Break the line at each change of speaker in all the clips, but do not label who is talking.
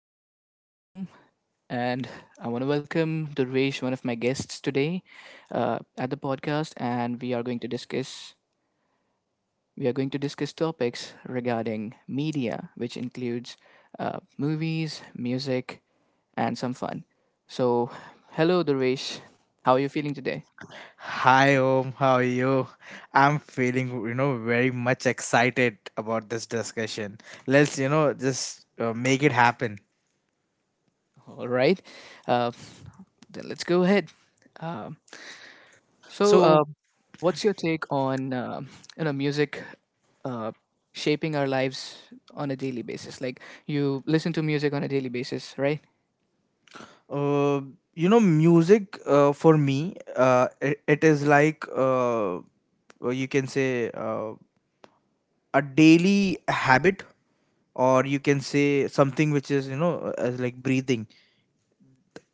Hello, this is Om, and I want to welcome Durvesh, one of my guests today, at the podcast, and we are going to discuss topics regarding media, which includes movies, music, and some fun. So, hello, Durvesh. How are you feeling today?
Hi Om, how are you? I'm feeling, you know, very much excited about this discussion. Let's, you know, just make it happen.
All right, uh, then let's go ahead. Um so, uh,
So,
What's your take on you know music uh, shaping our lives on a daily basis? Like you listen to music on a daily basis, right?
uh, you know, music for me, it is like you can say a daily habit, or you can say something which is, you know, as like breathing.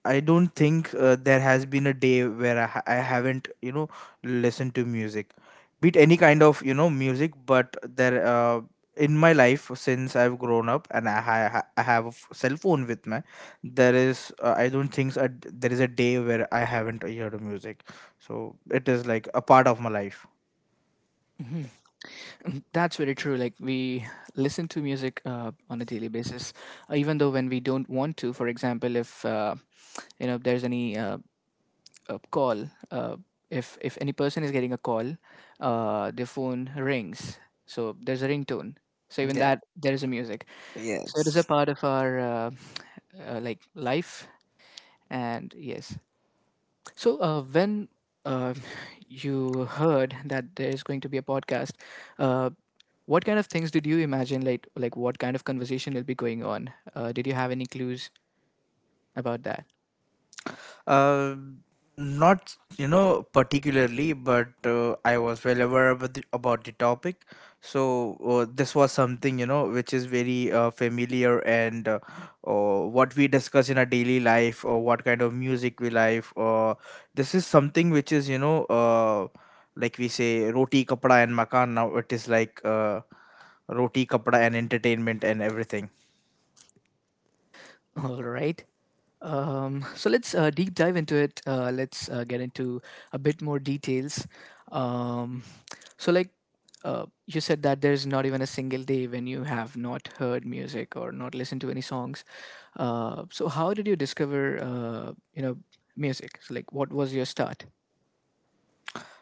I don't think there has been a day where I haven't, you know, listened to music, be it any kind of, you know, music. But there, in my life since I've grown up and I have a cell phone with me, there is, I don't think there is a day where I haven't heard music. So it is like a part of my life.
That's very true. Like we listen to music on a daily basis, even though when we don't want to. For example, if you know if there's any call, if any person is getting a call, their phone rings, so there's a ringtone. So even
Yeah,
that there is a music. So it is a
yes.
part of our like life. And yes, so when uh, you heard that there is going to be a podcast, uh, what kind of things did you imagine? Like what kind of conversation will be going on? Did you have any clues about that?
Uh, not you know particularly, but I was well aware about about the topic. So this was something you know which is very familiar and what we discuss in our daily life, or what kind of music we like. Or this is something which is you know like we say roti kapda and makan. Now it is like roti kapda and entertainment and everything.
All right. So let's deep dive into it. Let's get into a bit more details. Um, So, like, you said that there's not even a single day when you have not heard music or not listened to any songs. So, how did you discover, you know, music? So, like, what was your start?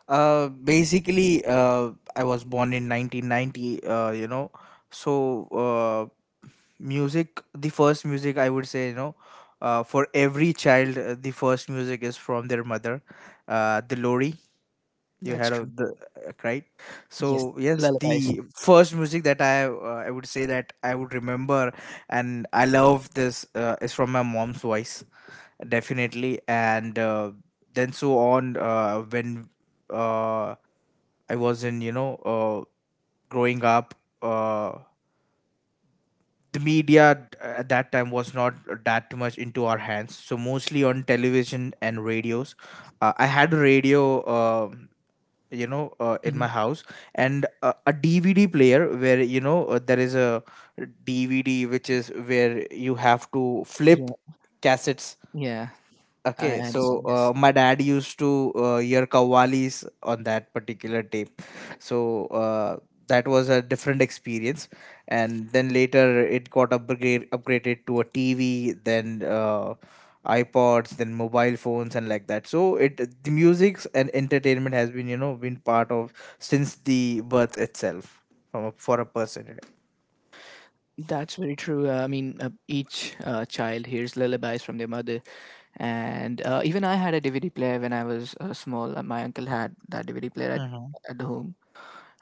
Basically, I was born in 1990, you know. So, music, the first music I would say, you know, for every child, the first music is from their mother, the lorry. You
That's
had
true.
of the right.
Yes,
So yes,
lullabies.
the first music that I would say that I would remember and I love this is from my mom's voice definitely, and then so on when. Uh, I was in, you know, growing up, uh, the media at that time was not that much into our hands. So mostly on television and radios. I had a radio, you know, in my
Mhm.
house and a DVD player where, you know, there is a DVD which is where you have to flip
Yeah,
cassettes.
yeah, I
Okay, so
understand. Yes.
my dad used to hear Kawali's on that particular tape, so that was a different experience, and then later it got upgraded to a tv, then ipods, then mobile phones, and like that. So it, the music and entertainment has been you know been part of since the birth itself, from a, for a person.
That's very true. I mean, each child hears lullabies from their mother, and even I had a DVD player when I was small. My uncle had that DVD player at the home,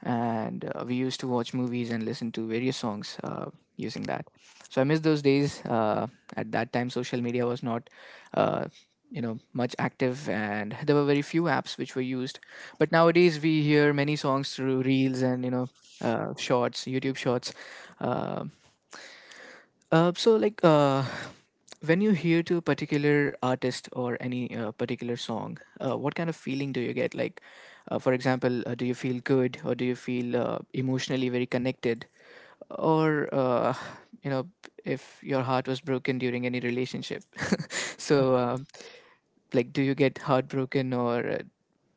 and we used to watch movies and listen to various songs using that. So I miss those days. At that time, social media was not, uh, you know, much active, and there were very few apps which were used. But nowadays, we hear many songs through reels and you know, shorts, YouTube shorts. Uh, so like, when you hear to a particular artist or any particular song, what kind of feeling do you get? Like, for example, do you feel good or do you feel emotionally very connected? Or you know, if your heart was broken during any relationship, so like, do you get heartbroken or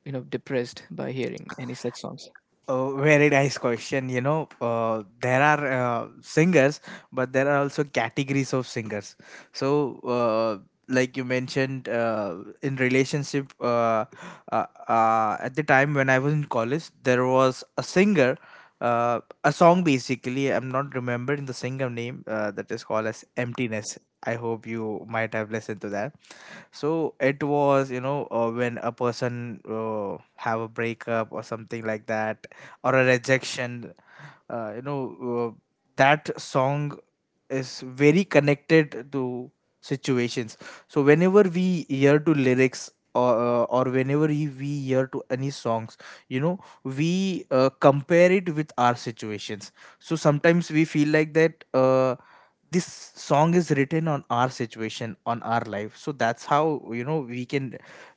you know depressed by hearing any such songs?
Oh, very nice question. You know, there are singers, but there are also categories of singers. So, like you mentioned, in relationship, at the time when I was in college, there was a singer, a song basically. I'm not remembering the singer name. That is called as Emptiness. I hope you might have listened to that. So it was, you know, when a person have a breakup or something like that, or a rejection. Uh, you know, uh, that song is very connected to situations, so whenever we hear to lyrics, or whenever we hear to any songs, you know we compare it with our situations, so sometimes we feel like that this song is written on our situation on our life. So that's how you know we can,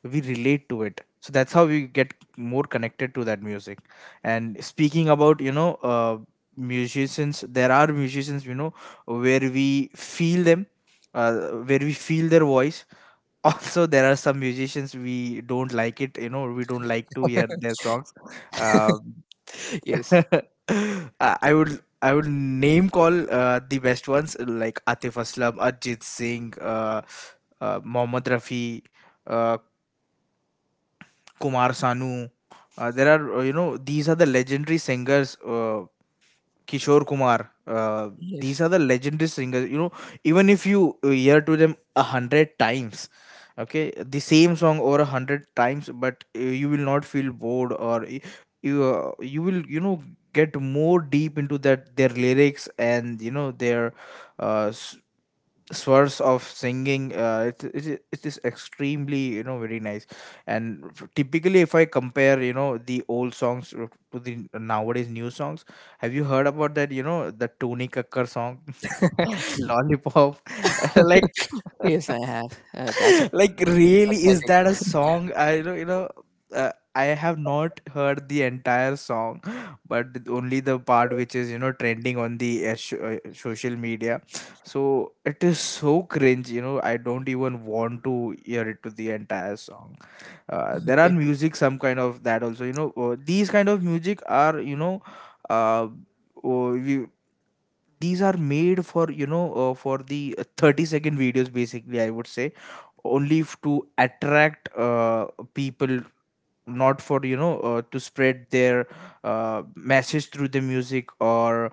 we relate to it, so that's how we get more connected to that music. And speaking about you know musicians, there are musicians you know where we feel them, uh, where we feel their voice. Also there are some musicians we don't like it, you know, we don't like to hear their songs. um,
yes,
I would, I would name call the best ones like Atif Aslam, Arjit Singh, Mohammad Rafi, uh, Kumar Sanu. There are you know these are the legendary singers Kishore Kumar. These
yes,
are the legendary singers. You know, even if you hear to them 100 times, okay, the same song over 100 times, but you will not feel bored, or you you will you know get more deep into that their lyrics and you know their uh, s- source of singing. It is extremely you know very nice. And typically if I compare you know the old songs to the nowadays new songs, have you heard about that, you know, the Tony Kakkar song, lollipop, like
yes, I have. That's a
like, really, is
pathetic.
that a song, I you know you know, I have not heard the entire song, but only the part which is you know trending on the social media, so it is so cringe you know I don't even want to hear it to the entire song. Uh, there are
Okay.
music some kind of that also you know these kind of music are you know uh, oh we these are made for you know for the 30-second videos basically I would say, only to attract people, not for you know to spread their message through the music, or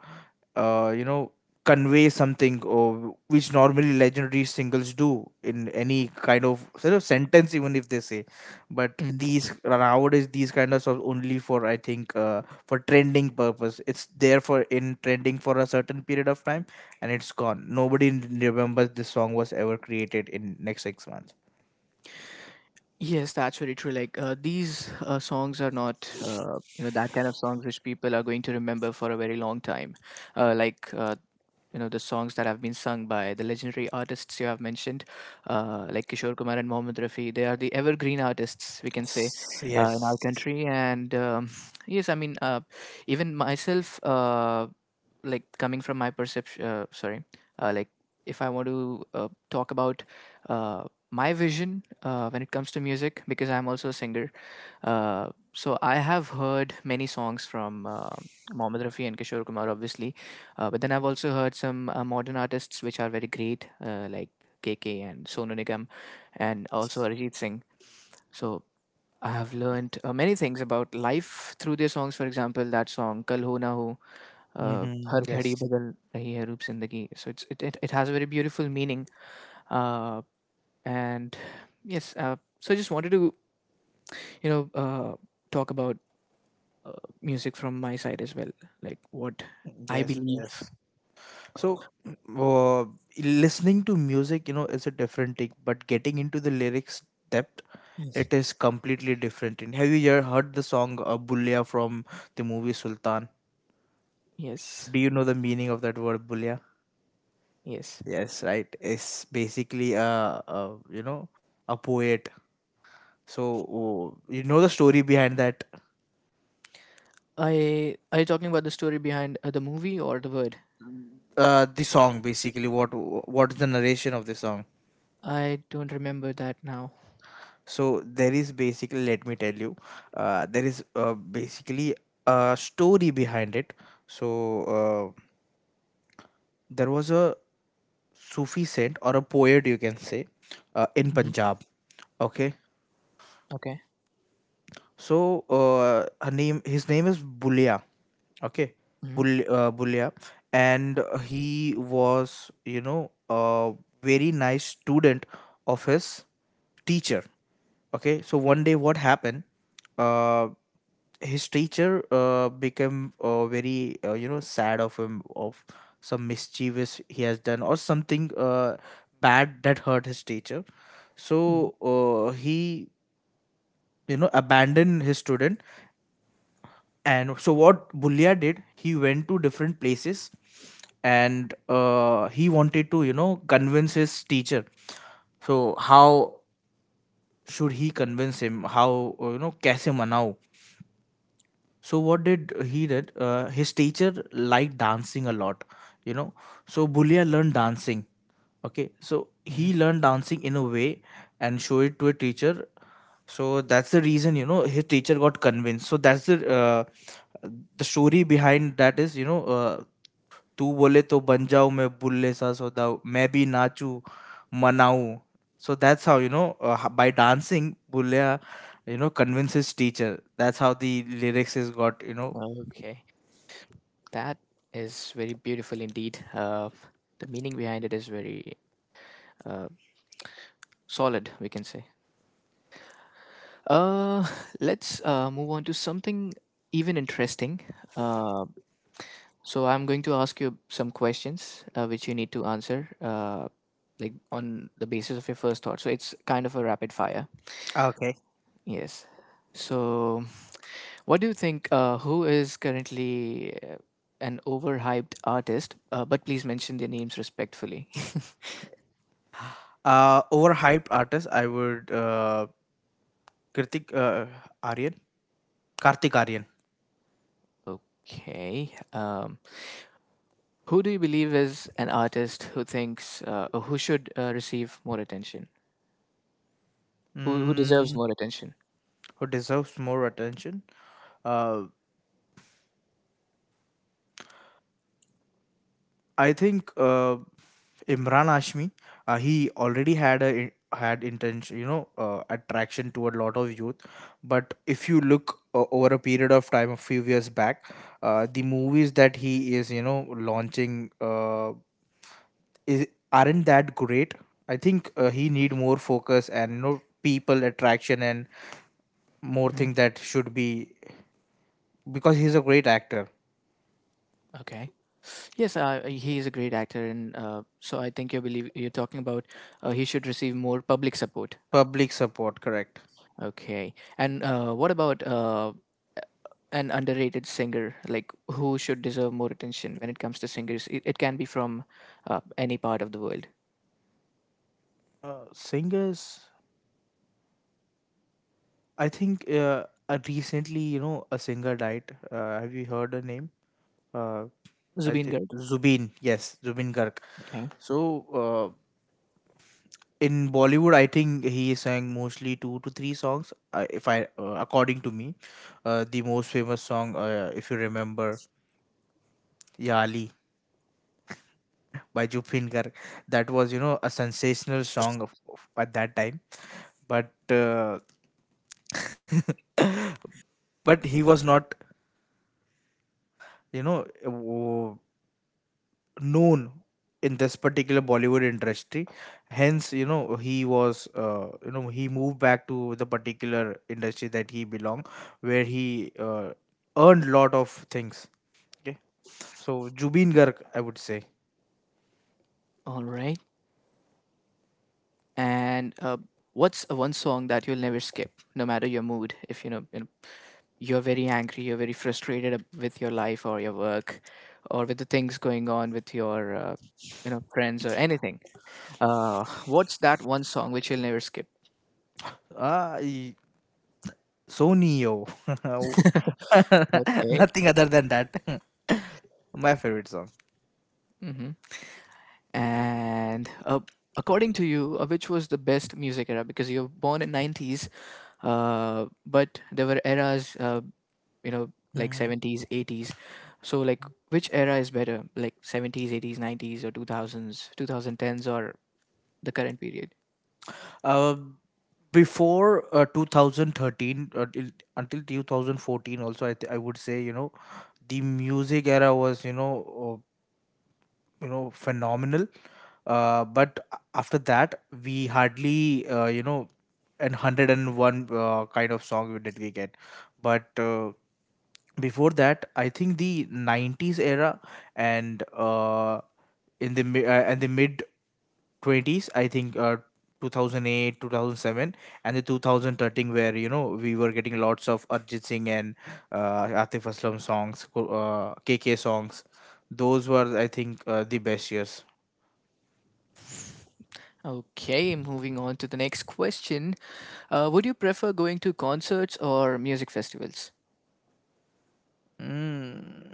you know, convey something, or which normally legendary singles do in any kind of sort of sentence even if they say. But
Mm-hmm.
these nowadays, these kind of songs only for I think for trending purpose, it's there for in trending for a certain period of time, and it's gone, nobody remembers this song was ever created in next six months.
Yes, that's very true. Like these songs are not, you know, that kind of songs which people are going to remember for a very long time. Uh, like uh, you know the songs that have been sung by the legendary artists you have mentioned, like Kishore Kumar and Mohammed Rafi. They are the evergreen artists we can say
Yes.
in our country. And yes, I mean even myself, like coming from my perception, sorry, like if I want to talk about uh, my vision when it comes to music, because I'm also a singer, so I have heard many songs from Mohammed Rafi and Kishore Kumar, obviously, but then I've also heard some modern artists which are very great, like KK and Sonu Nigam, and also Arijit Singh. So I have learned many things about life through their songs. For example, that song "Kal Ho Na Ho,"
Mm-hmm.
"Har Ghadi
Yes.
Badal Rahi Hai Roop Zindagi." So it's, it has a very beautiful meaning. Uh, and yes, so I just wanted to you know talk about uh, music from my side as well, like what I
Yes,
believe.
yes. So, uh, listening to music, you know, is a different thing, but getting into the lyrics depth,
Yes.
it is completely different. And have you ever heard the song "Bulia" from the movie Sultan?
Yes,
Do you know the meaning of that word "bulia"?
yes.
Yes, right. It's basically a you know a poet. So uh, you know the story behind that.
I are you talking about the story behind the movie or the word?
The song basically, what is the narration of the song?
I don't remember that now.
So there is basically, let me tell you, there is basically a story behind it. So uh, there was a Sufi saint or a poet, you can say, in
Hmm.
Punjab. Okay,
Okay.
so his name is Bulia. Okay,
Hmm.
Bulia, and he was, you know, a very nice student of his teacher. Okay, so one day what happened? Uh, his teacher became very you know sad of him, of some mischievous he has done or something bad that hurt his teacher.
Hmm.
So he you know abandoned his student. And so what Bulia did, he went to different places, and he wanted to you know convince his teacher. So how should he convince him, how you know कैसे मनाऊं. So what did he did? His teacher liked dancing a lot, you know. So Bulia learned dancing. Okay, so he learned dancing in a way and show it to a teacher. So that's the reason you know his teacher got convinced. So that's the story behind that is you know तू बोले तो बन जाऊं मैं बुल्ले सा सौदाऊ मैं भी नाचू मनाऊं. So that's how you know by dancing Bulia you know convinces teacher. That's how the lyrics is got you know.
Hmm. Okay, that is very beautiful indeed. The meaning behind it is very uh, solid we can say. Uh, let's move on to something even interesting. Um So I'm going to ask you some questions which you need to answer, like on the basis of your first thought. So it's kind of a rapid fire.
Okay.
Yes. So what do you think? Who is currently an overhyped artist? But please mention their names respectfully.
Overhyped artist, I would Kartik uh, Aryan, Kartik Aryan.
Okay. Who do you believe is an artist who thinks or who should receive more attention? Who deserves
mm,
more attention?
who deserves more attention. Uh, I think. Imran Ashmi, he already had intention, you know, attraction toward a lot of youth. But if you look over a period of time, a few years back, the movies that he is, you know, launching is aren't that great. I think he need more focus and you know people attraction and more
Hmm.
thing that should be, because he's a great actor.
Okay. Yes, he is a great actor, and so I think you believe you're talking about he should receive more public support.
Public support, correct.
Okay, and what about an underrated singer? Like who should deserve more attention when it comes to singers? It can be from any part of the world.
Singers, I think recently, you know, a singer died. Have you heard her name? Uh, I
Zubin
think
Garg.
Zubin. Yes, Zubin Garg.
Okay,
So uh, in Bollywood, I think he sang mostly 2 to 3 songs. If I, according to me, the most famous song, if you remember, "Ya, by Zubin Garg, that was you know a sensational song of, at that time. But but he was not, you know, uh, known in this particular Bollywood industry. Hence, you know, he was, you know, he moved back to the particular industry that he belonged, where he earned lot of things. Okay, so Jubin Garg, I would say,
all right. And what's one song that you'll never skip, no matter your mood? If you know, you're very angry, you're very frustrated with your life or your work or with the things going on with your you know friends or anything. What's that one song which you'll never skip?
ah, y- Sony yo,
Okay.
nothing other than that. My favorite song.
Hmm. And according to you, which was the best music era? Because you were born in 90s, but there were eras, you know, like
Mhm.
70s, 80s. So like, which era is better? Like 70s, 80s, 90s, or 2000s, 2010s, or the current period?
Uh, Before 2013, until 2014 also I would say the music era was, uh, you know, phenomenal, but after that we hardly, you know, an 101 kind of song we get. But before that I think the 90s era, and and the mid 20s, I think 2008, 2007, and the 2013, where you know we were getting lots of Arjit Singh and Atif Aslam songs, KK songs. Those were I think the best years.
Okay, moving on to the next question. Would you prefer going to concerts or music festivals?
Mm.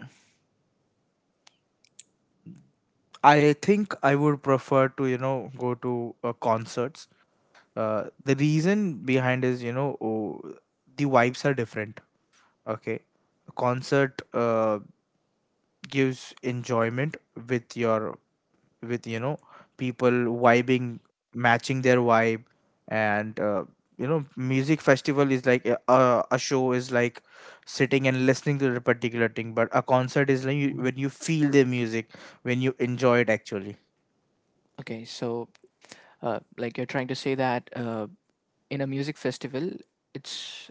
I think I would prefer to, you know, go to concerts. The reason behind is, you know, oh, the vibes are different. Okay. A concert gives enjoyment with your, with you know, people vibing, matching their vibe. And you know, music festival is like a a show, is like sitting and listening to the particular thing, but a concert is like you, when you feel the music, when you enjoy it actually.
Okay, so like you're trying to say that in a music festival, it's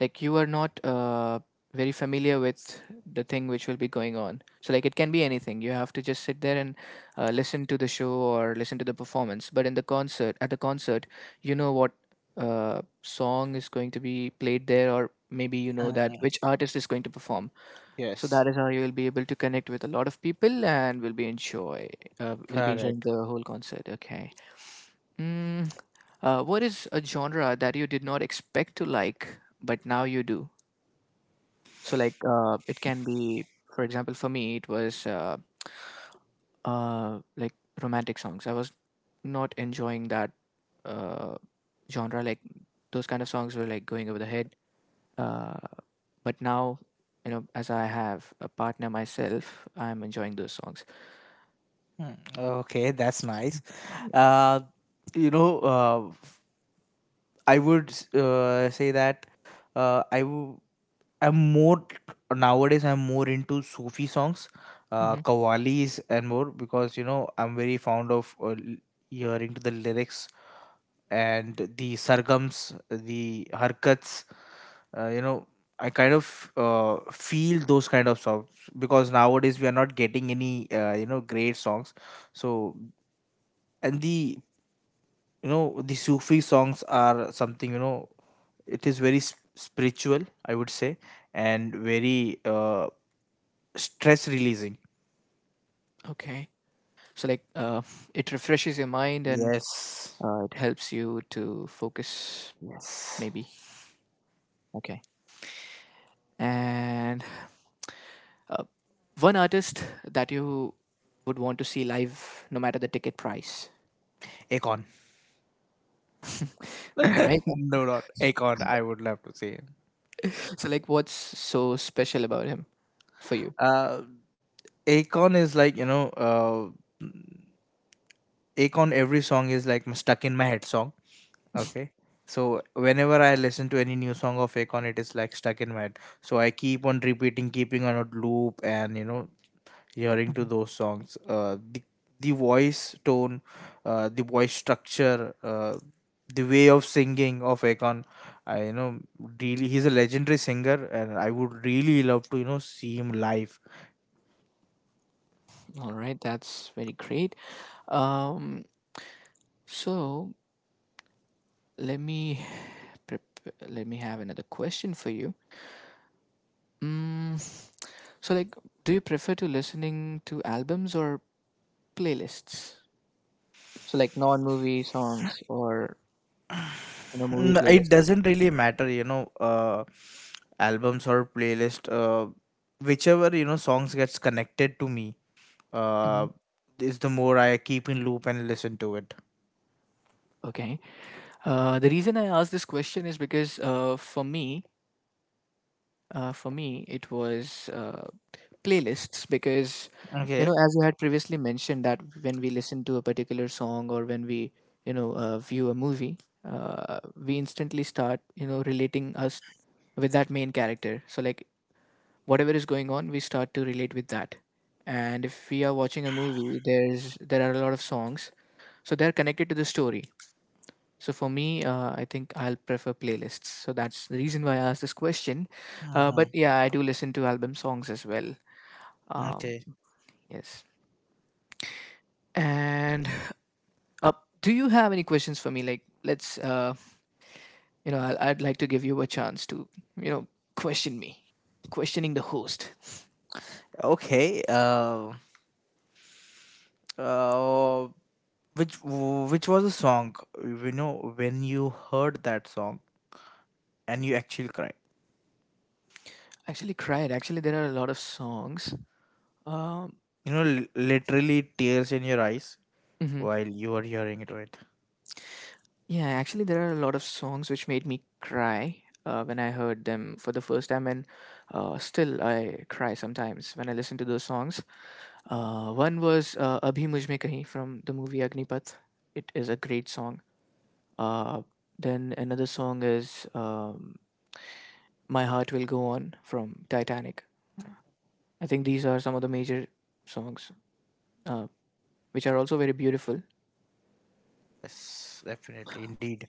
like you are not very familiar with the thing which will be going on. So like it can be anything. You have to just sit there and listen to the show or listen to the performance. But in the concert, at the concert, you know what song is going to be played there, or maybe you know that
Mm,
which artist is going to perform. So
yes,
that is how you will be able to connect with a lot of people and will be enjoy will be enjoying
correct.
the whole concert. Okay. Mm, what is a genre that you did not expect to like but now you do? So like it can be, for example, for me it was like romantic songs. I was not enjoying that uh, genre. Like those kind of songs were like going over the head. Uh, but now, you know, as I have a partner myself, I'm enjoying those songs.
Mm, okay, that's nice. Uh, you know, uh, I would say that, uh, I w- I'm more nowadays. I'm more into Sufi songs,
Hmm.
qawwalis and more, because you know I'm very fond of hearing to the lyrics and the sargams, the harkats. Uh, you know, I kind of feel those kind of songs, because nowadays we are not getting any you know, great songs. So, and the you know the Sufi songs are something, you know, it is very spiritual, I would say, and very stress releasing.
Okay. So like, it refreshes your mind and
Yes.
it helps you to focus, maybe.
Yes.
Okay. And uh, one artist that you would want to see live, no matter the ticket price.
Akon.
All right.
no, not Akon. I would love to see it.
So like, what's so special about him for you?
Uh, Akon is like, you know, Akon, every song is like stuck in my head song. Okay. So whenever I listen to any new song of Akon, it is like stuck in my head. So I keep on repeating, keeping on a loop, and you know, hearing to those songs, the voice tone, the voice structure, the way of singing of Akon. I, you know, really he's a legendary singer, and I would really love to, you know, see him live.
All right, that's very great. Um, so let me let me have another question for you. Mm, so like do you prefer to listening to albums or playlists? So like non-movie songs or you know movie
Mm, it
playlists.
doesn't really matter, you know, uh, albums or playlist, whichever you know songs gets connected to me, uh,
Mhm.
is the more I keep in loop and listen to it.
Okay. The reason I asked this question is because for me, it was playlists, because you
Okay.
know as you had previously mentioned that when we listen to a particular song or when we you know view a movie, uh, we instantly start you know relating us with that main character. So like whatever is going on we start to relate with that, and if we are watching a movie there's there are a lot of songs, so they're connected to the story. So for me I think I'll prefer playlists. So that's the reason why I asked this question.
Hmm.
But yeah I do listen to album songs as well. um,
Okay.
yes. And uh, do you have any questions for me? Like, let's, you know, I'd like to give you a chance to, you know, question me, questioning the host.
Okay. Uh, which was a song, you know, when you heard that song and you actually cried,
Actually, cried. Actually, there are a lot of songs. Um,
you know, literally tears in your eyes
mhm.
while you were hearing it, right?
Yeah, actually, there are a lot of songs which made me cry when I heard them for the first time, and still I cry sometimes when I listen to those songs. One was "Abhi Mujhme Kahin" from the movie Agnipath. It is a great song. Uh, then another song is "My Heart Will Go On" from Titanic. I think these are some of the major songs, uh, which are also very beautiful.
Yes, definitely, indeed.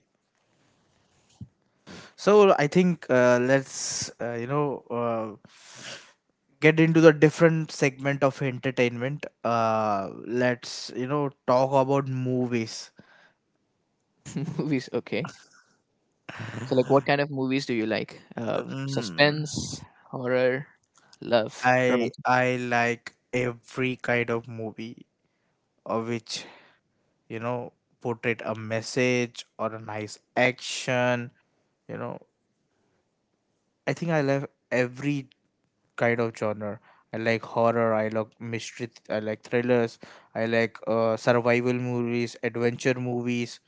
So I think, let's get into the different segment of entertainment. Uh, let's, you know, talk about movies.
Movies. Okay, so like, what kind of movies do you like?
Mm,
Suspense, horror, love,
I
romantic.
I like every kind of movie which you know portrayed a message or a nice action. You know, I think I love every kind of genre. I like horror, I like mystery, I like thrillers, I like survival movies, adventure movies,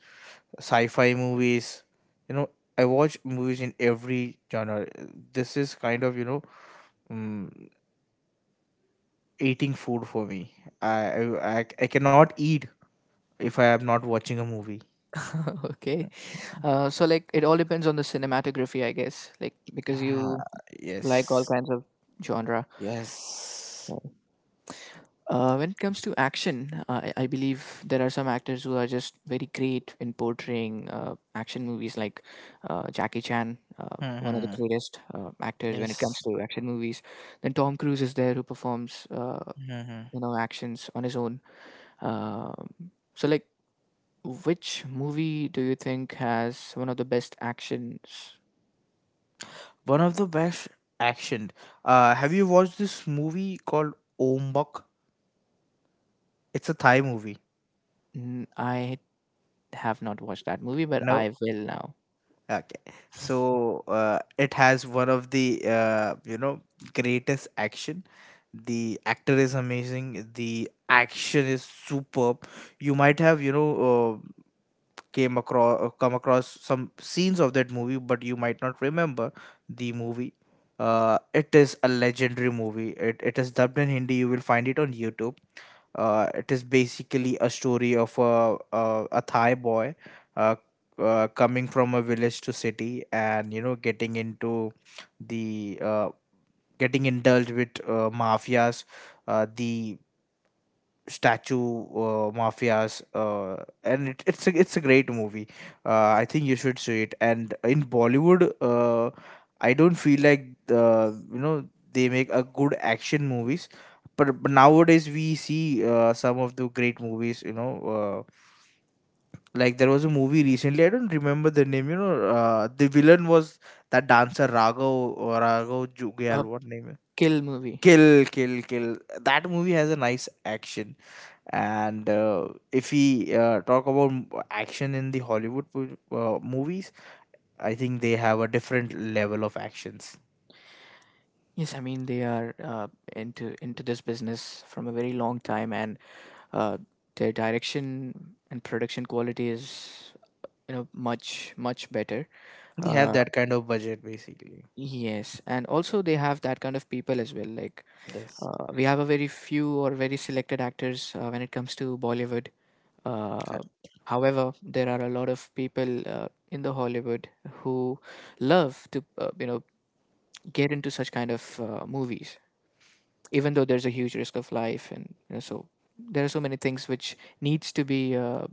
sci-fi movies. You know, I watch movies in every genre. This is kind of, you know, um, eating food for me. I cannot eat if I am not watching a movie.
Okay, so like, it all depends on the cinematography, I guess. Like, because
Ah,
you like all
yes.
kinds of genre.
Yes.
When it comes to action, I believe there are some actors who are just very great in portraying action movies, like Jackie Chan, one of the
Mm-hmm.
greatest actors when it comes
Yes.
to action movies. Then Tom Cruise is there who performs
Mm-hmm.
actions on his own. Um so, like, which movie do you think has one of the best actions?
One of the best action. Have you watched this movie called Ombak? It's a Thai movie.
I have not watched that movie, but
No.
I will now.
Okay. So it has one of the greatest action. The actor is amazing. The action is superb. You might have you know came across come across some scenes of that movie, but you might not remember the movie. It is a legendary movie. It is dubbed in Hindi, you will find it on YouTube. It is basically a story of a Thai boy, uh, coming from a village to city, and you know getting into the getting indulged with mafias, the statue mafias. And it's a great movie. I think you should see it. And in Bollywood, I don't feel like, you know, they make a good action movies. But nowadays we see some of the great movies, you know, like there was a movie recently, I don't remember the name, you know, the villain was that dancer Raghav, raghav Jugyal,
A
what name is.
kill movie.
Kill, kill, kill. That movie has a nice action. And if we talk about action in the Hollywood movies, I think they have a different level of actions.
Yes, I mean they are into this business from a very long time, and uh, their direction and production quality is much much better. Yeah.
They have
Uh,
that kind of budget basically.
yes, and also they have that kind of people as well. Like,
Yes.
we have a very few or very selected actors when it comes to Bollywood. Uh,
Correct.
however, there are a lot of people in the Hollywood who love to get into such kind of movies, even though there's a huge risk of life, and so there are so many things which needs to be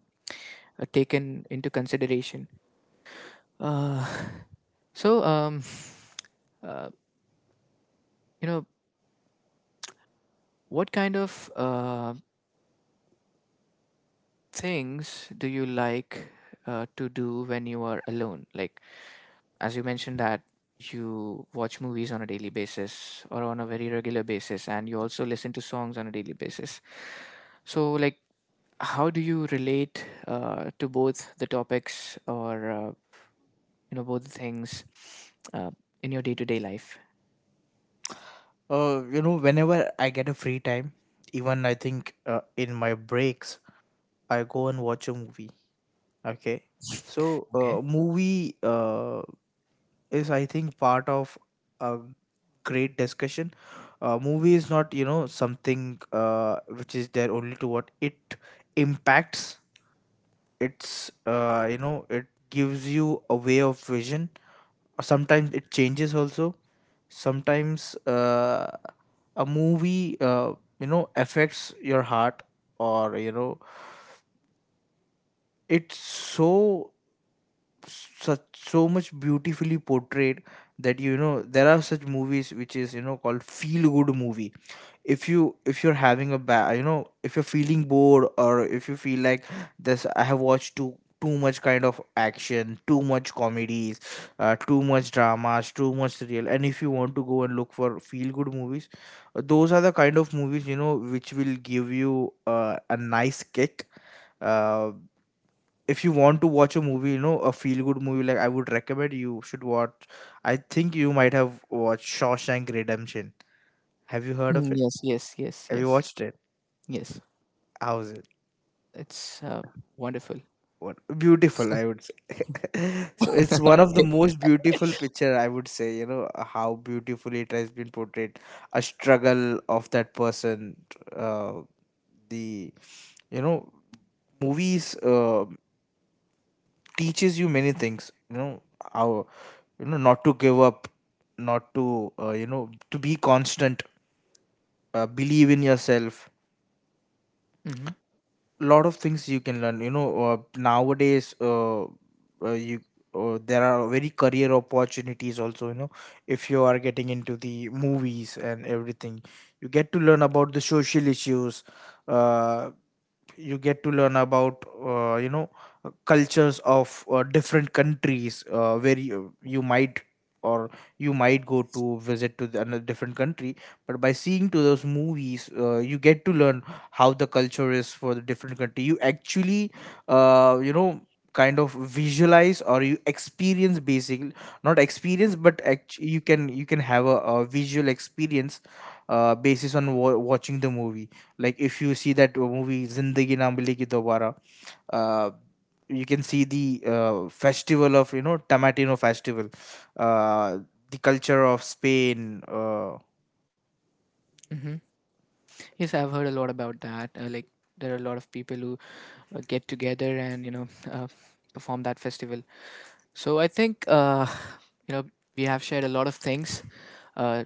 taken into consideration. uh, so uh, you know what kind of things do you like to do when you are alone, like as you mentioned that you watch movies on a daily basis or on a very regular basis, and you also listen to songs on a daily basis. So like, how do you relate to both the topics, or both the things uh, in your day-to-day life?
You know whenever I get a free time, even I think in my breaks I go and watch a movie. Okay. So uh,
Okay.
movie uh, is I think part of a great discussion. Movie is not, you know, something which is there only to what it impacts. It's, you know, it gives you a way of vision. Sometimes it changes also. Sometimes a movie, you know, affects your heart, or you know, it's so, such so much beautifully portrayed that you know there are such movies which is you know called feel good movie. If you if you're having a bad, you know, if you're feeling bored, or if you feel like this, I have watched too much kind of action, too much comedies, too much dramas, too much real, and if you want to go and look for feel good movies, those are the kind of movies, you know, which will give you a nice kick. uh, if you want to watch a movie, you know, a feel good movie, like, I would recommend you should watch, I think you might have watched Shawshank Redemption. Have you heard of it?
Yes, yes, yes,
Have you
yes.
watched it?
Yes,
How's it?
it's wonderful.
What beautiful, I would say. so it's one of the most beautiful picture, I would say. You know, how beautifully it has been portrayed, a struggle of that person. Uh, the you know movies teaches you many things. You know how, you know, not to give up, not to, you know, to be constant, believe in yourself.
Hmm.
Lot of things you can learn, you know. Nowadays you There are very career opportunities also, you know, if you are getting into the movies and everything. You get to learn about the social issues, uh, you get to learn about, you know, cultures of different countries, where you might, or you might go to visit to the, another different country, but by seeing to those movies, you get to learn how the culture is for the different country. You actually, you know, kind of visualize, or you experience basically, not experience, but you can have a visual experience basis on watching the movie. Like if you see that movie Zindagi Na Milegi Dobara, uh, you can see the festival of, you know, Tamatino festival, uh, the culture of Spain.
Hmm. Yes, I've heard a lot about that, like there are a lot of people who get together and perform that festival. So I think you know we have shared a lot of things uh,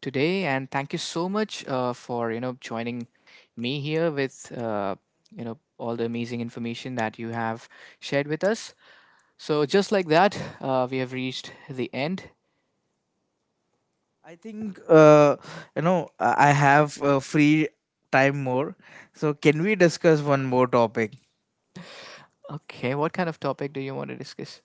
today, and thank you so much for joining me here with all the amazing information that you have shared with us. So just like that, we have reached the end.
I think you know I have free time more, so can we discuss one more topic?
Okay, what kind of topic do you want to discuss?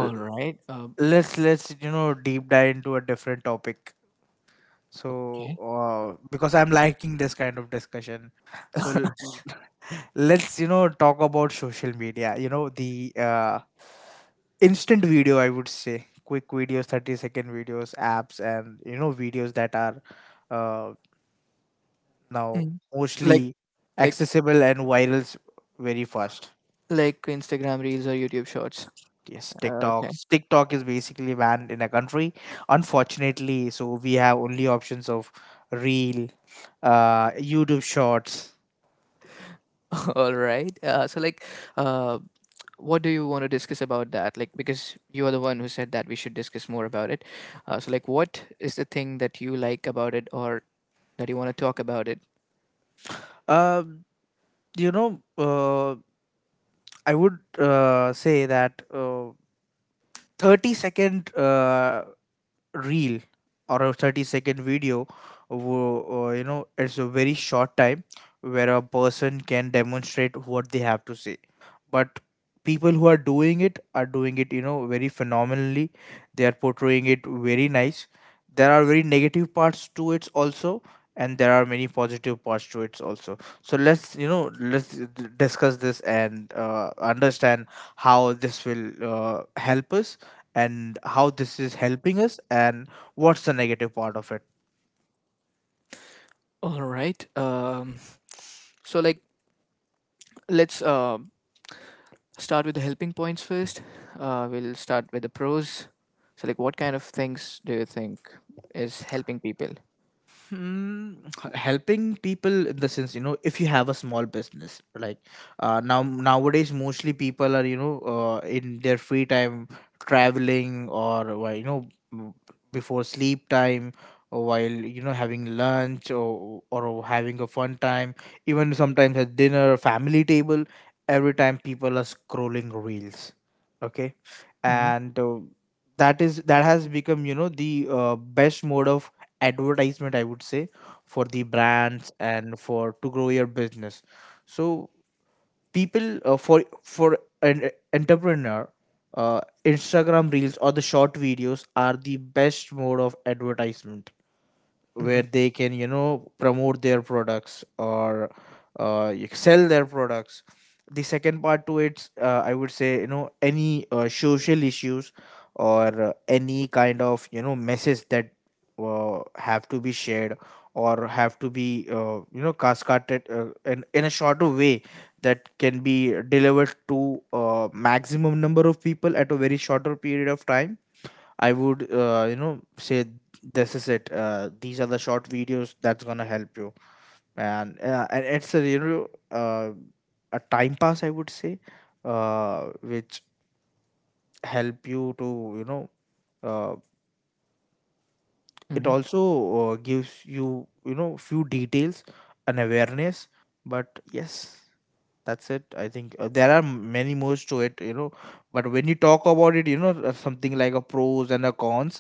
L-
right.
Let's, you know, deep dive into a different topic. So
Okay.
because I'm liking this kind of discussion, so let's, you know, talk about social media. You know, the instant video, I would say, quick videos, 30-second videos, apps, and, you know, videos that are uh, now
Mm. Like
mostly
like
accessible and virals very fast.
like Instagram Reels or YouTube Shorts.
Yes,
Okay.
TikTok. TikTok is basically banned in a country, unfortunately. So we have only options of Reel, YouTube Shorts.
All right. So like, uh, what do you want to discuss about that? Like, because you are the one who said that we should discuss more about it. So, like, what is the thing that you like about it, or that you want to talk about it?
Um, you know, uh, I would say that. 30 second reel or a 30-second video you know, it's a very short time where a person can demonstrate what they have to say, but people who are doing it are doing it, you know, very phenomenally. They are portraying it very nice. There are very negative parts to it also, and there are many positive parts to it also. So let's, you know, discuss this and understand how this will help us, and how this is helping us, and what's the negative part of it.
All right. So, like, let's start with the helping points first. We'll start with the pros. So, like, what kind of things do you think is helping people?
Hmm, helping people in the sense, you know, if you have a small business, like now, nowadays mostly people are, you know, in their free time traveling, or why, you know, m- before sleep time, or while, you know, having lunch, or having a fun time, even sometimes at dinner family table, every time people are scrolling reels. Okay.
Hmm.
And that has become, you know, the best mode of advertisement, I would say, for the brands and for to grow your business. So people, for an entrepreneur, Instagram reels or the short videos are the best mode of advertisement, where
Hmm.
they can, you know, promote their products, or you sell their products. The second part to it's, I would say, you know, any social issues, or any kind of, you know, message that have to be shared, or have to be, you know, cascaded, in a shorter way, that can be delivered to maximum number of people at a very shorter period of time. I would, you know, say this is it. These are the short videos that's gonna help you, and and it's a, you know, uh, a time pass, I would say, which help you to, you know. Uh, it
Hmm.
also gives you, you know, few details, an awareness, but yes, that's it. I think there are many more to it, you know. But when you talk about it, you know, something like a pros and a cons,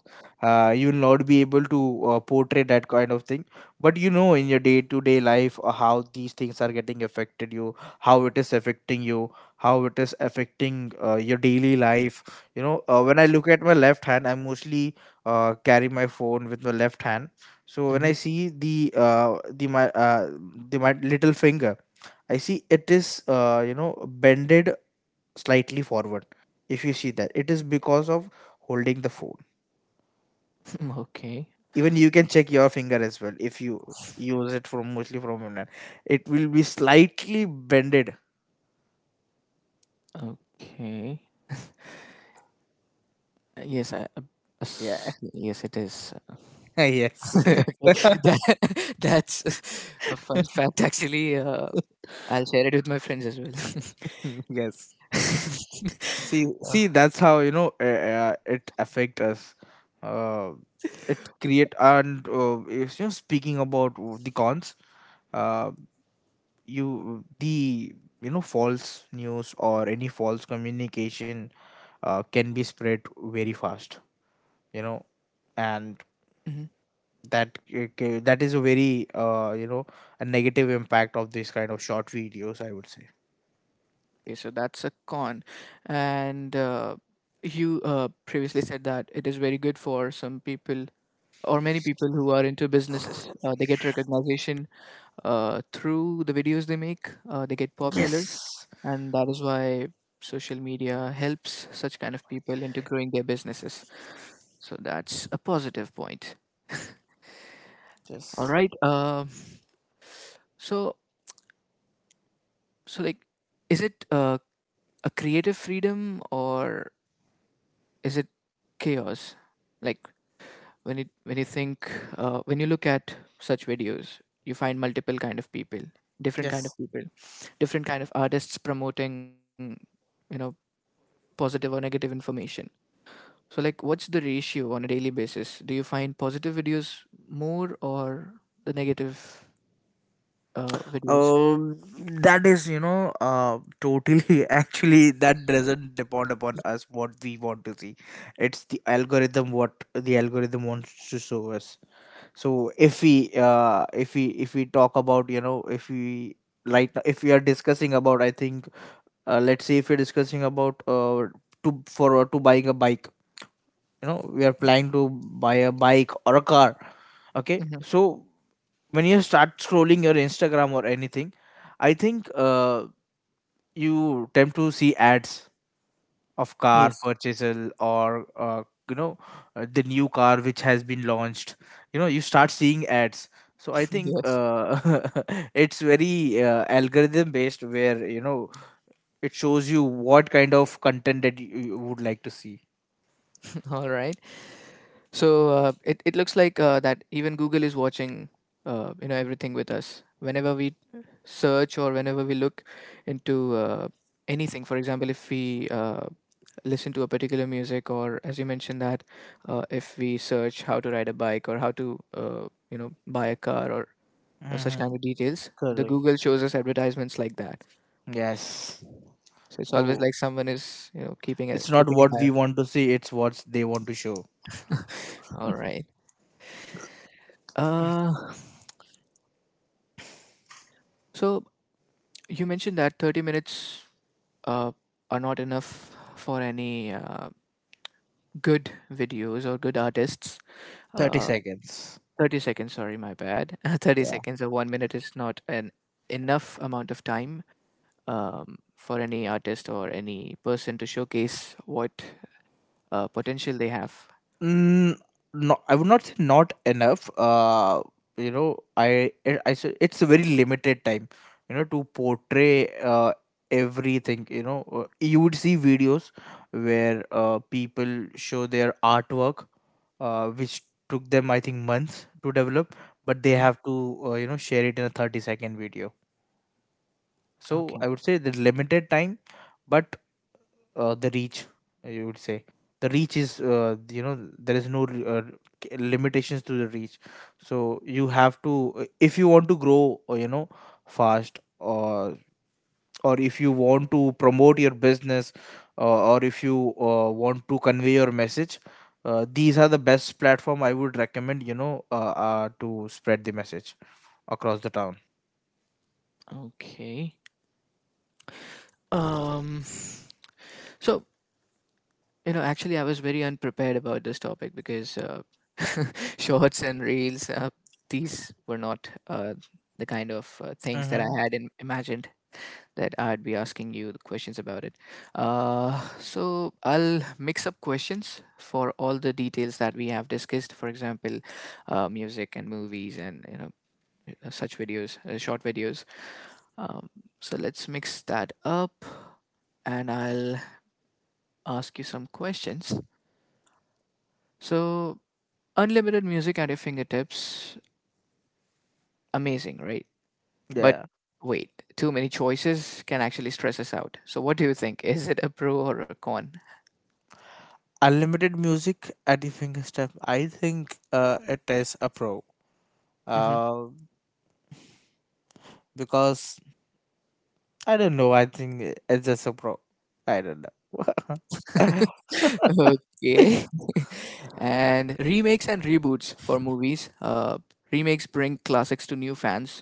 you will not be able to portray that kind of thing. But you know, in your day-to-day life, how these things are getting affected you, how it is affecting you, how it is affecting your daily life. You know, when I look at my left hand, I mostly carry my phone with my left hand. So when
Hmm.
I see the the my little finger, I see it is, you know, bended slightly forward. If you see that, it is because of holding the phone.
Okay.
Even you can check your finger as well if you use it from mostly from your hand. It will be slightly bended.
Okay. Yes, I.
Yeah.
Yes, it is.
Yes.
Okay, that, that's a fun fact, actually. I'll share it with my friends as well.
Yes. See,
Uh,
see, that's how, you know, it affect us. Uh, it create, and if you're speaking about the cons, uh, you the you know, false news or any false communication can be spread very fast, you know, and
mhm.
that is a very, you know, a negative impact of this kind of short videos, I would say.
Okay, so that's a con. And you previously said that it is very good for some people or many people who are into businesses. They get recognition through the videos they make, they get popular,
Yes.
and that is why social media helps such kind of people into growing their businesses. So that's a positive point. All
Yes.
right. So so like, is it a creative freedom or is it chaos? Like, when you think, when you look at such videos, you find multiple kind of people, different
Yes.
kind of people, different kind of artists promoting, you know, positive or negative information. So like, what's the ratio on a daily basis? Do you find positive videos more, or the negative videos?
Um, that is, you know, totally actually that doesn't depend upon us what we want to see. It's the algorithm, what the algorithm wants to show us. So if we talk about, you know, if we are discussing about, I think, let's say if we are discussing about to buying a bike, you know, we are planning to buy a bike or a car. Okay.
Mhm.
So when you start scrolling your Instagram or anything, I think, you tend to see ads of car
Yes.
purchasal, or you know, the new car which has been launched, you know, you start seeing ads. So I think,
Yes.
it's very, algorithm based, where you know it shows you what kind of content that you would like to see.
All right. So it looks like that even Google is watching everything with us. Whenever we search or whenever we look into anything, for example, if we listen to a particular music, or as you mentioned that if we search how to ride a bike or how to buy a car, or such
Hmm.
kind of details, the
Correct.
Google shows us advertisements like that.
Yes.
So it's always
So
like someone is
it's not
keeping an
what
eye
we want to see, it's what they want to show.
All right. Uh, so you mentioned that 30 minutes uh, are not enough for any good videos or good artists.
30
Uh,
seconds.
30 seconds, sorry, my bad. 30 seconds or 1 minute is not an enough amount of time, for any artist or any person to showcase what potential they have.
Mm, no, I would not say not enough. You know, I say it's a very limited time. You know, to portray everything. You know. You would see videos where people show their artwork, which took them, I think, months to develop, but they
Mhm.
have to, you know, share it in a 30-second video. So
Okay.
I would say the limited time, but the reach, you would say the reach is, you know, there is no uh, limitations to the reach. So you have to, if you want to grow, you know, fast, or if you want to promote your business, or if you want to convey your message, these are the best platform, I would recommend, you know, to spread the message across the town.
Okay. Um, so You know, actually, I was very unprepared about this topic because shorts and reels, these were not the kind of things that I
Mm-hmm.
had imagined that I'd be asking you the questions about it. So I'll mix up questions for all the details that we have discussed. For example, music and movies and such videos, short videos. Um, so let's mix that up, and I'll ask you some questions. So, unlimited music at your fingertips, amazing, right? But
Yeah.
wait, too many choices can actually stress us out. So, what do you think? Is it a pro or a con?
Unlimited music at your fingerstep. I think it is a pro,
Hmm.
uh, because I don't know. I think it's just a pro. I don't know.
Okay. And remakes and reboots for movies. Remakes bring classics to new fans,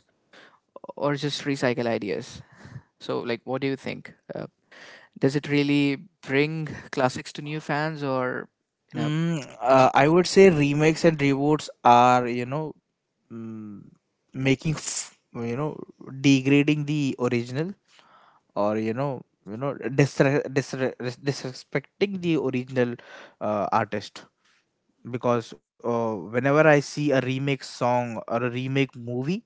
or just recycle ideas. So, like, what do you think? Does it really bring classics to new fans, or, you know?
Mm,
it's-
I would say remakes and reboots are, you know, mm, you know, degrading the original, or you know, you know, disrespecting the original artist. Because whenever I see a remake song or a remake movie,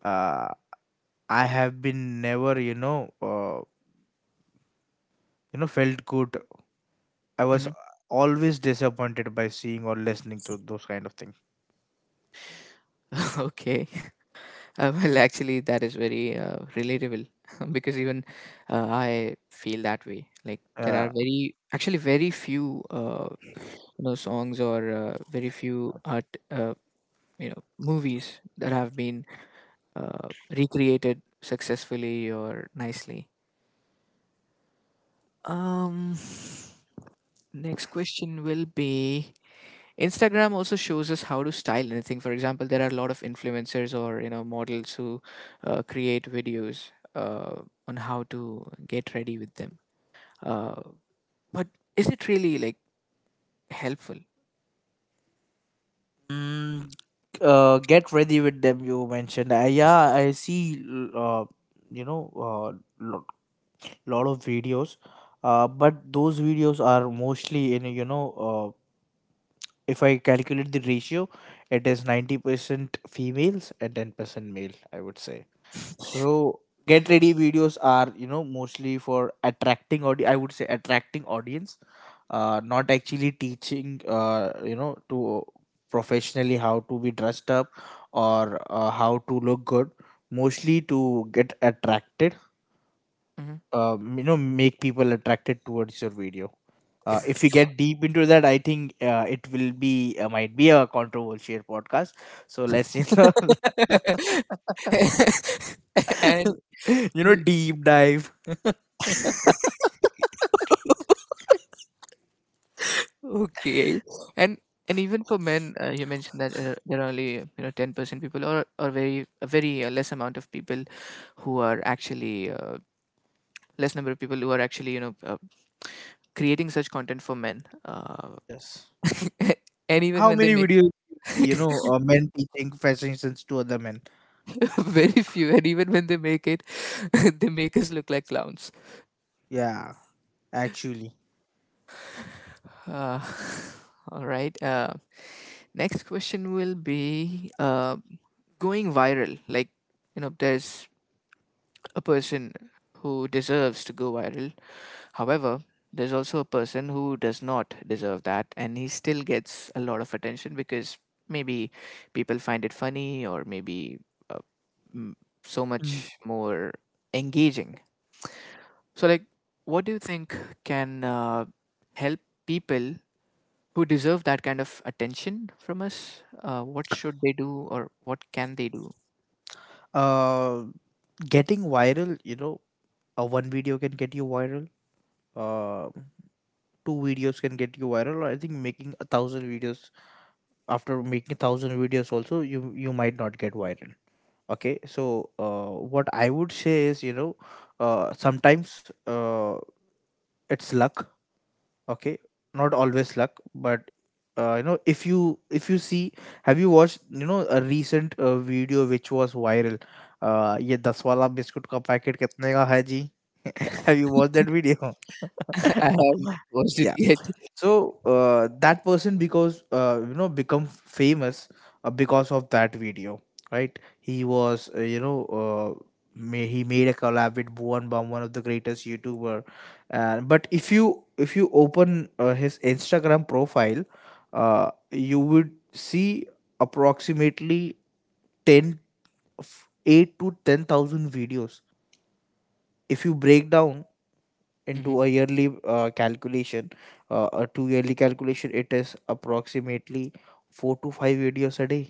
uh, I have been never, you know, you know, felt good. I was
Mhm.
always disappointed by seeing or listening to those kind of things.
Okay. Well, actually, that is very relatable because even I feel that way. Like there are
Yeah.
very, actually, very few, songs, or very few art, uh, you know, movies that have been uh, recreated successfully or nicely. Um, Next question will be, Instagram also shows us how to style anything. For example, there are a lot of influencers or models who create videos on how to get ready with them. Uh, but is it really like helpful?
Mm, get ready with them, you mentioned. Yeah, I see. l- Uh, you know, uh, lot, lot of videos. But those videos are mostly in, you know. Uh, if I calculate the ratio, it is 90% females and 10% male, I would say. So get ready videos are, you know, mostly for attracting I would say attracting audience, not actually teaching, you know, to professionally how to be dressed up, or how to look good. Mostly to get attracted,
Hmm.
you know, make people attracted towards your video. If we get deep into that, I think it will be might be a controversial podcast. So let's, you know.
and
You know,
you-
deep dive.
okay, and even for men, you mentioned that there are only 10% people or very less amount of people who are actually less number of people who are actually creating such content for men.
Yes.
And even
How
when they
many videos do you
make
see, you know, men teaching fashion sense to other men?
very few. And even when they make it, they make us look like clowns.
Yeah. Actually.
uh, all right. Next question will be, going viral, like there's a person who deserves to go viral. However, there's also a person who does not deserve that, and he still gets a lot of attention because maybe people find it funny or maybe uh, m- so
Mm.
much more engaging. So, like, what do you think can help people who deserve that kind of attention from us? What should they do, or what can they do?
Uh, Getting viral, you know, one video can get you viral. Uh, Two videos can get you viral. Or I think making 1,000 videos, after making 1,000 videos also, you might not get viral. Okay, so what I would say is, you know, sometimes it's luck. Okay. Not always luck, but you know, if you see, have you watched, you know, a recent video which was viral, ये दस वाला biscuit का packet कितने का है जी? Have you watched that video?
I haven't watched it
Yeah.
yet.
So that person, because you know, become famous because of that video, right? He was, you know, he made a collab with Bhuvan Bam, one of the greatest youtuber. But if you open his Instagram profile, you would see approximately 10 8 to 10,000 videos. If you break down into a yearly calculation, to yearly calculation, it is approximately four to five videos a day.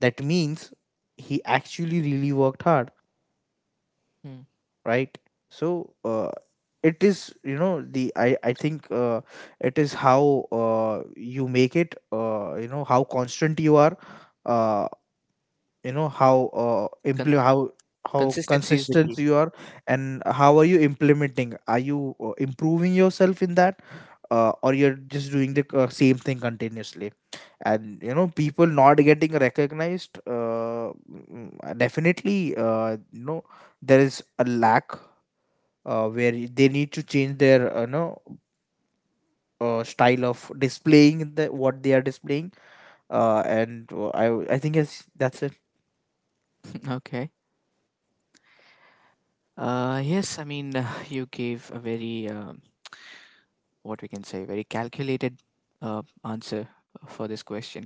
That means he actually really worked hard,
Mm-hmm.
right? So it is, you know, the I think it is how you make it, you know, how constant you are, uh, you know, how impl- how
Consistency is the
consistent
key.
you are, and how are you implementing. Are you, improving yourself in that, or you're just doing the, same thing continuously, and, you know, people not getting recognized, mm, definitely, you know, there is a lack where they need to change their, you know, style of displaying the what they are displaying, and I think it's, that's it.
Okay. Yes, I mean, you gave a very, what we can say, very calculated answer for this question.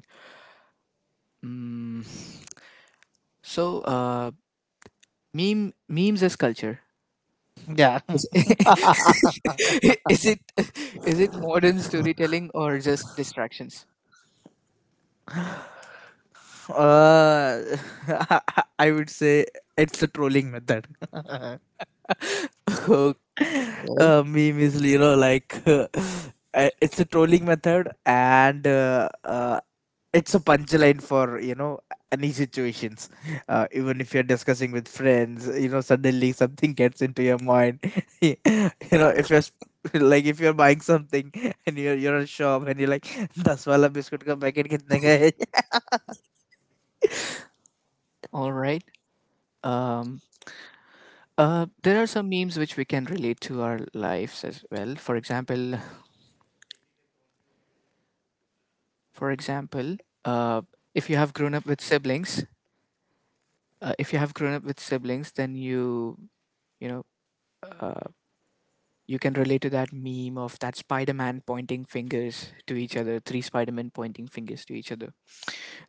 Mm, so, uh, memes as culture.
Yeah.
Is, is it is it modern storytelling or just distractions?
uh, I would say it's a trolling method.
Okay. All
Meme is, you know, like, it's a trolling method, and it's a punchline for, you know, any situations. Even if you're discussing with friends, you know, suddenly something gets into your mind, you know, if you're sp- like if you're buying something, and you're at a shop, and you're like, दस वाला biscuit का packet कितने का है?
right. Um, there are some memes which we can relate to our lives as well. For example, For example, uh, if you have grown up with siblings, if you have grown up with siblings, then you know uh, you can relate to that meme of that Spider-Man pointing fingers to each other, three Spider-Men pointing fingers to each other.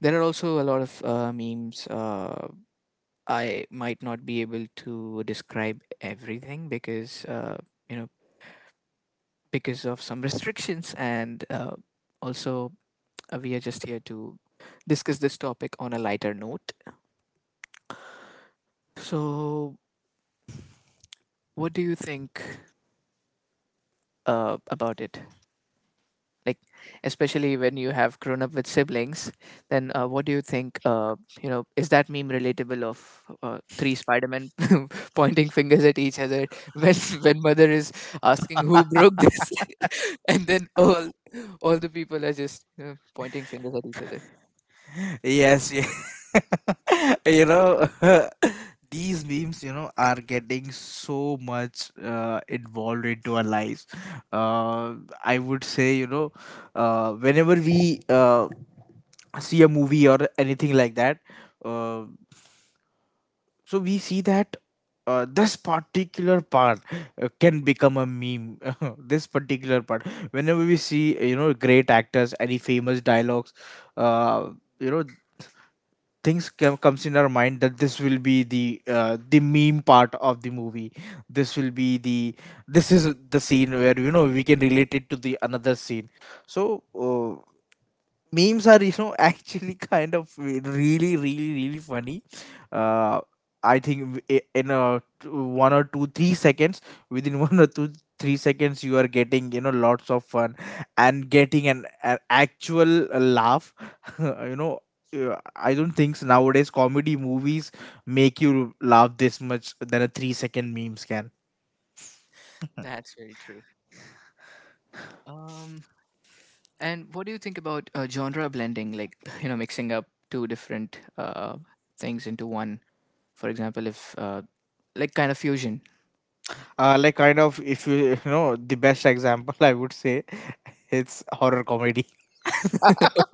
There are also a lot of memes. I might not be able to describe everything because you know because of some restrictions, and also we are just here to discuss this topic on a lighter note. So, what do you think about it? Like, especially when you have grown up with siblings, then what do you think? Is that meme relatable, of three Spider-Men pointing fingers at each other, when when mother is asking who broke this, and then all the people are just pointing fingers at each other.
Yes, yeah. You know, these memes, you know, are getting so much involved into our lives. Uh, I would say, you know, whenever we see a movie or anything like that, uh, so we see that this particular part can become a meme. This particular part, whenever we see, you know, great actors, any famous dialogues, uh, you know things comes in our mind that this will be the meme part of the movie. this will be the this is the scene where, you know, we can relate it to the another scene. So memes are, you know, actually kind of really, really, really funny. uh I think 1 or 2, 3 seconds within 1 or 2 3 seconds you are getting, you know, lots of fun, and getting an actual laugh. You know, I don't think so nowadays comedy movies make you laugh this much than a 3 second memes can.
That's very true. Um, and what do you think about genre blending, like mixing up two different things into one? For example, if like kind of fusion.
Uh, like kind of if you you know, the best example I would say it's horror comedy.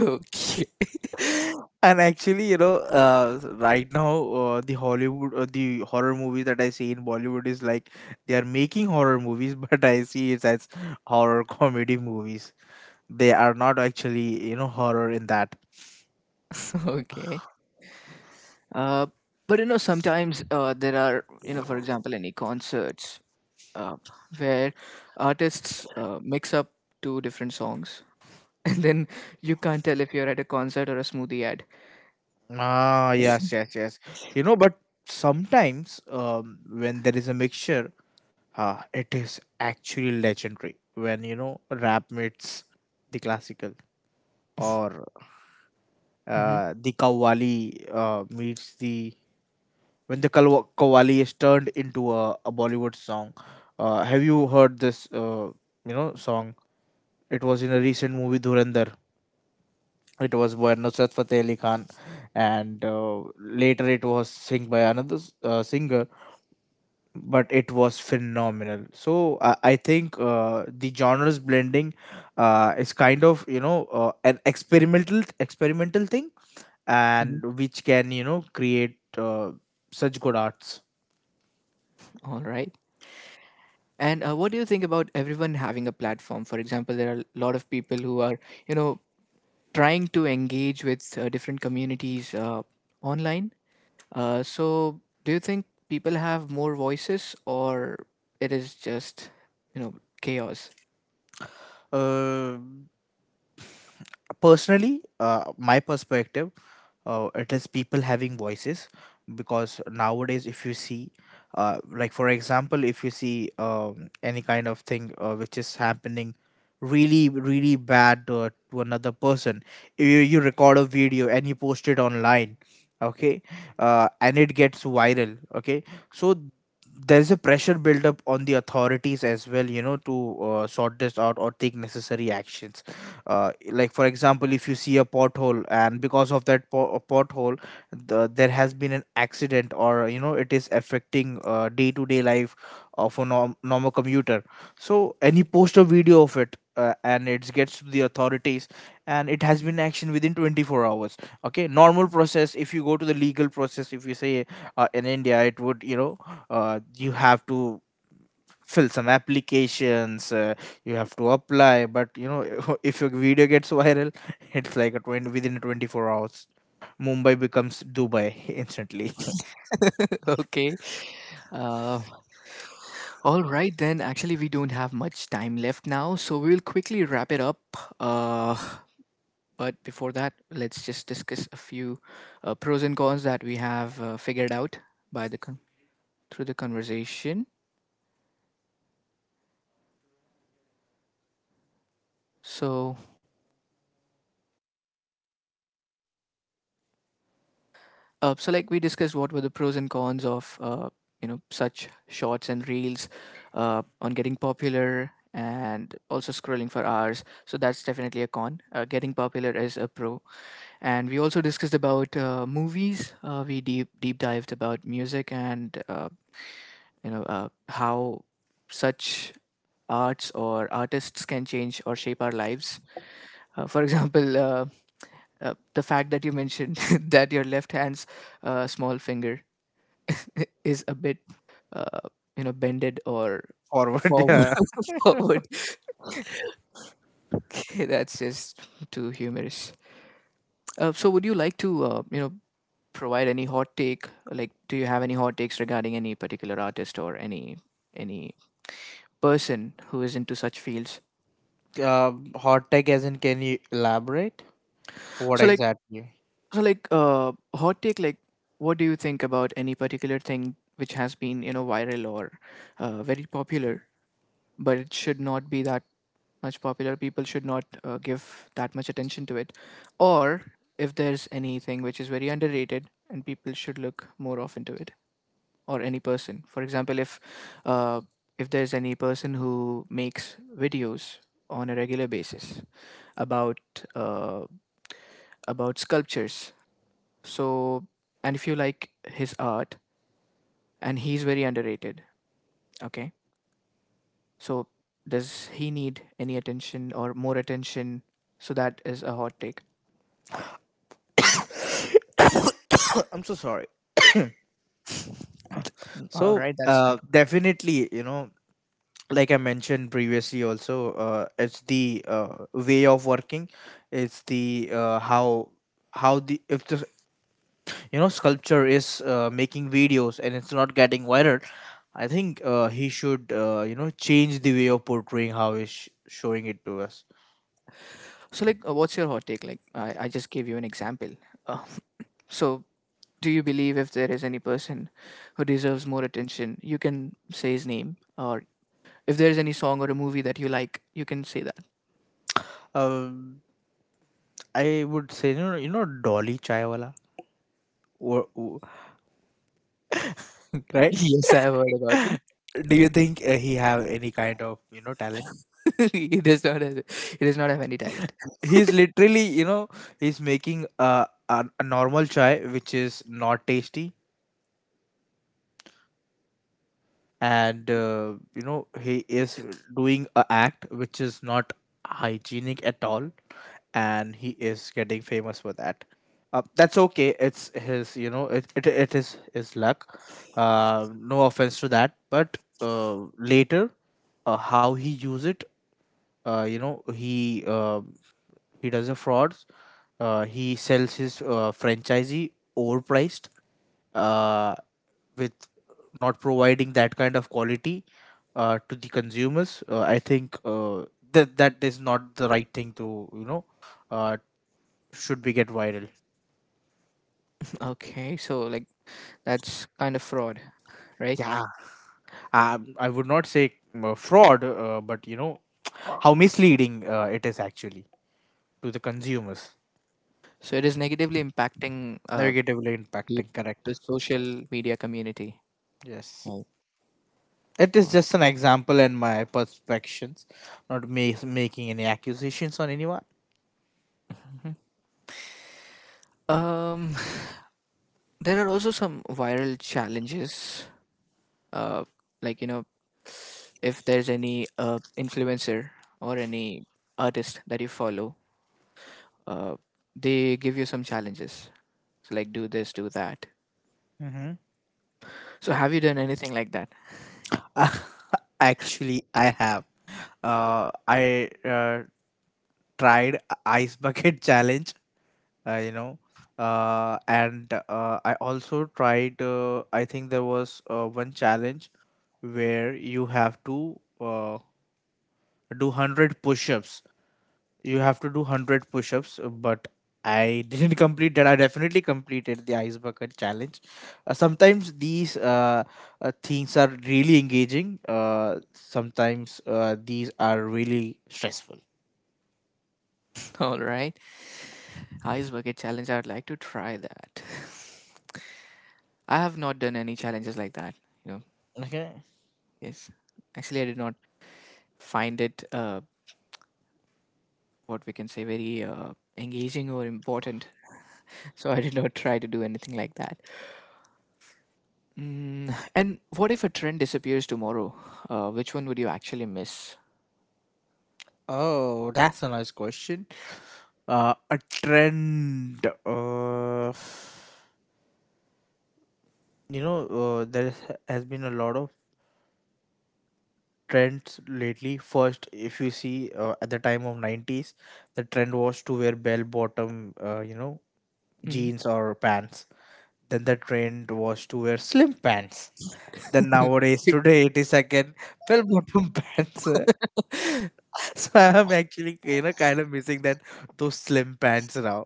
Okay.
And actually, you know, right now the horror movies that I see in Bollywood is like, they are making horror movies, but I see it as horror comedy movies. They are not actually, you know, horror in that.
Okay. Uh, but you know, sometimes there are, for example, any concerts uh, where artists mix up two different songs, and then you can't tell if you're at a concert or a smoothie ad.
Ah, yes, yes, yes. You know, but sometimes when there is a mixture, it is actually legendary when, you know, rap meets the classical, or
Mm-hmm.
the kawali meets the when the Qawwali is turned into a Bollywood song. Have you heard this? You know, song. It was in a recent movie, Dhurandhar. It was by Nusrat Fateh Ali Khan, and later it was sung by another singer. But it was phenomenal. So I think the genres blending is kind of, you know, an experimental thing,
Mm-hmm.
and which can, you know, create such good arts.
All right. And What do you think about everyone having a platform? For example, there are a lot of people who are, you know, trying to engage with different communities online. So, do you think people have more voices, or it is just, you know, chaos?
Uh, personally, my perspective, it is people having voices, because nowadays if you see, like for example, if you see any kind of thing which is happening really, really bad to another person, you record a video and you post it online. Okay. And it gets viral, okay, so there is a pressure build up on the authorities as well, you know, to sort this out or take necessary actions. Uh, like for example, if you see a pothole, and because of that pothole, there has been an accident, or you know, it is affecting day-to-day life of a normal commuter. So, and he post a video of it, and it gets to the authorities, and it has been action within 24 hours. Okay, normal process, if you go to the legal process, if you say, in India it would, you know, you have to fill some applications, you have to apply. But you know, if your video gets viral, it's like a 20 within 24 hours. Mumbai becomes Dubai instantly.
Okay. Uh, all right, then. Actually, we don't have much time left now, so we'll quickly wrap it up. Uh, but before that, let's just discuss a few pros and cons that we have figured out by the con- through the conversation. So, so, like we discussed, what were the pros and cons of you know, such shorts and reels on getting popular and also scrolling for hours. So that's definitely a con. Getting popular is a pro, and we also discussed about movies. We deep dived about music and how such arts or artists can change or shape our lives. For example, the fact that you mentioned that your left hand's small finger is a bit uh, you know, bended or
Forward,
forward,
yeah.
forward. Okay, that's just too humorous. Uh, so would you like to you know, provide any hot take? Like, do you have any hot takes regarding any particular artist or any person who is into such fields?
uh, Hot tech, as in, can you elaborate what
so like
exactly?
so like uh hot take, like, what do you think about any particular thing which has been, you know, viral or very popular, but it should not be that much popular. People should not give that much attention to it. Or if there's anything which is very underrated and people should look more often to it, or any person. For example, uh, if there's any person who makes videos on a regular basis about uh, about sculptures, so, and if you like his art and he's very underrated, okay, so does he need any attention or more attention? So that is a hot take.
I'm so sorry.
All
So,
right, that's...
definitely, you know, like I mentioned previously also, it's the way of working. It's the how the if the you know, sculpture is making videos, and it's not getting viral. I think he should you know, change the way of portraying how he's showing it to us.
So, like, what's your hot take? Like, I just gave you an example. Uh, so, do you believe if there is any person who deserves more attention, you can say his name? Or if there is any song or a movie that you like, you can say that.
Um, I would say, you know, Dolly Chaiwala. Wo- wo- right.
Yes, I have heard about him.
Do you think he have any kind of, you know, talent?
he does not have, he does not have any talent.
He's literally, you know, he's making a normal chai which is not tasty. And you know, he is doing a act which is not hygienic at all, and he is getting famous for that. Uh, that's okay, it's his, you know, it is his luck. Uh, no offense to that, but later, how he use it, you know, he does a fraud. He sells his franchisee overpriced, uh, with not providing that kind of quality to the consumers. I think that is not the right thing to, you know, uh, should be get viral.
Okay, so like, that's kind of fraud, right?
Yeah, I would not say fraud, but you know, how misleading it is actually to the consumers,
So it is negatively impacting
negatively
the
impacting. Correct.
the social media community.
Yes.
Right.
It is
Oh.
just an example and my perspectives, not making any accusations on anyone.
Mhm. Um, there are also some viral challenges, uh, like, you know, if there's any influencer or any artist that you follow, uh, they give you some challenges. So like, do this, do that.
Mm-hmm.
So have you done anything like that?
Actually, I have. I tried ice bucket challenge. You know, and I also tried. I think there was one challenge where you have to do 100 push-ups, you have to do 100 push-ups, but I didn't complete that. I definitely completed the ice bucket challenge. Uh, sometimes these things are really engaging, sometimes these are really stressful.
All right, ice bucket challenge. I'd like to try that. I have not done any challenges like that. You know,
Okay.
yes. Actually, I did not find it what we can say very engaging or important. So I did not try to do anything like that. Mm, and what if a trend disappears tomorrow? Which one would you actually miss?
Oh, that's a nice question. Uh, a trend, you know, has been a lot of trends lately. First, if you see at the time of 90s, the trend was to wear bell bottom, you know,
Mm.
jeans or pants. Then the trend was to wear slim pants. Then nowadays, today, it is again bell bottom pants. So I'm actually, you know, kind of missing that, those slim pants now.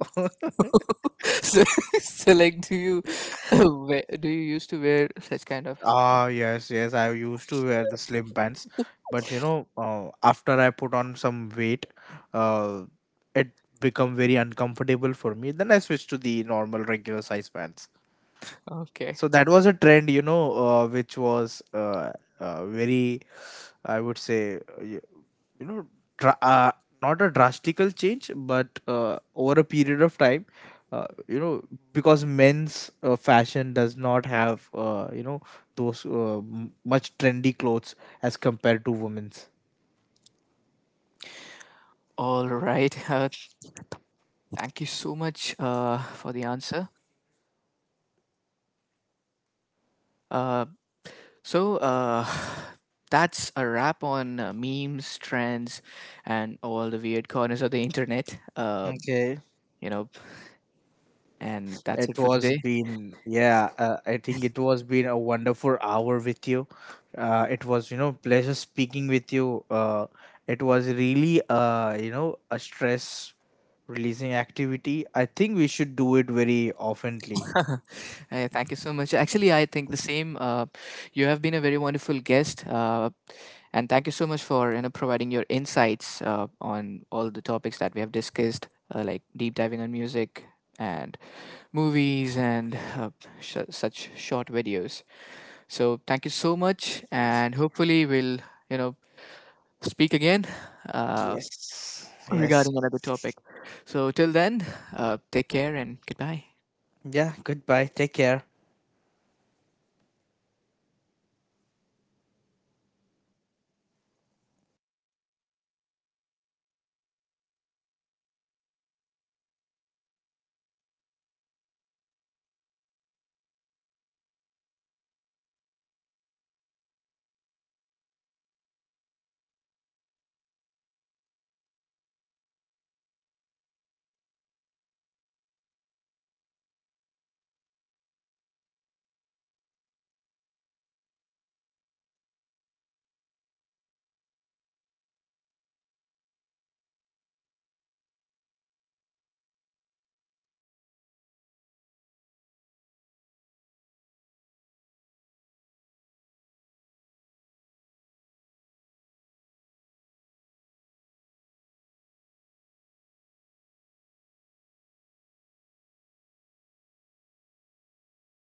So, so like, do you do you used to wear such kind of?
Ah, yes, yes. I used to wear the slim pants, but you know, after I put on some weight, uh, it become very uncomfortable for me. Then I switched to the normal, regular size pants.
Okay.
So that was a trend, you know, which was very, I would say, you know, dra- uh, not a drastical change, but over a period of time, you know, because men's fashion does not have you know, those much trendy clothes as compared to women's.
All right. Thank you so much for the answer. Uh, uh, that's a wrap on memes, trends, and all the weird corners of the internet.
Okay.
You know, and that's
It
it for
was
today.
been, yeah, I think it was been a wonderful hour with you. It was, you know, pleasure speaking with you. It was really, you know, a stress releasing activity. I think we should do it very oftenly.
Hey, thank you so much. Actually, I think the same. You have been a very wonderful guest, and thank you so much for, you know, providing your insights on all the topics that we have discussed, like deep diving on music and movies and such short videos. So thank you so much, and hopefully we'll, you know, speak again, uh,
Yes. Yes.
regarding another topic. So till then, take care and goodbye.
Yeah, goodbye. Take care.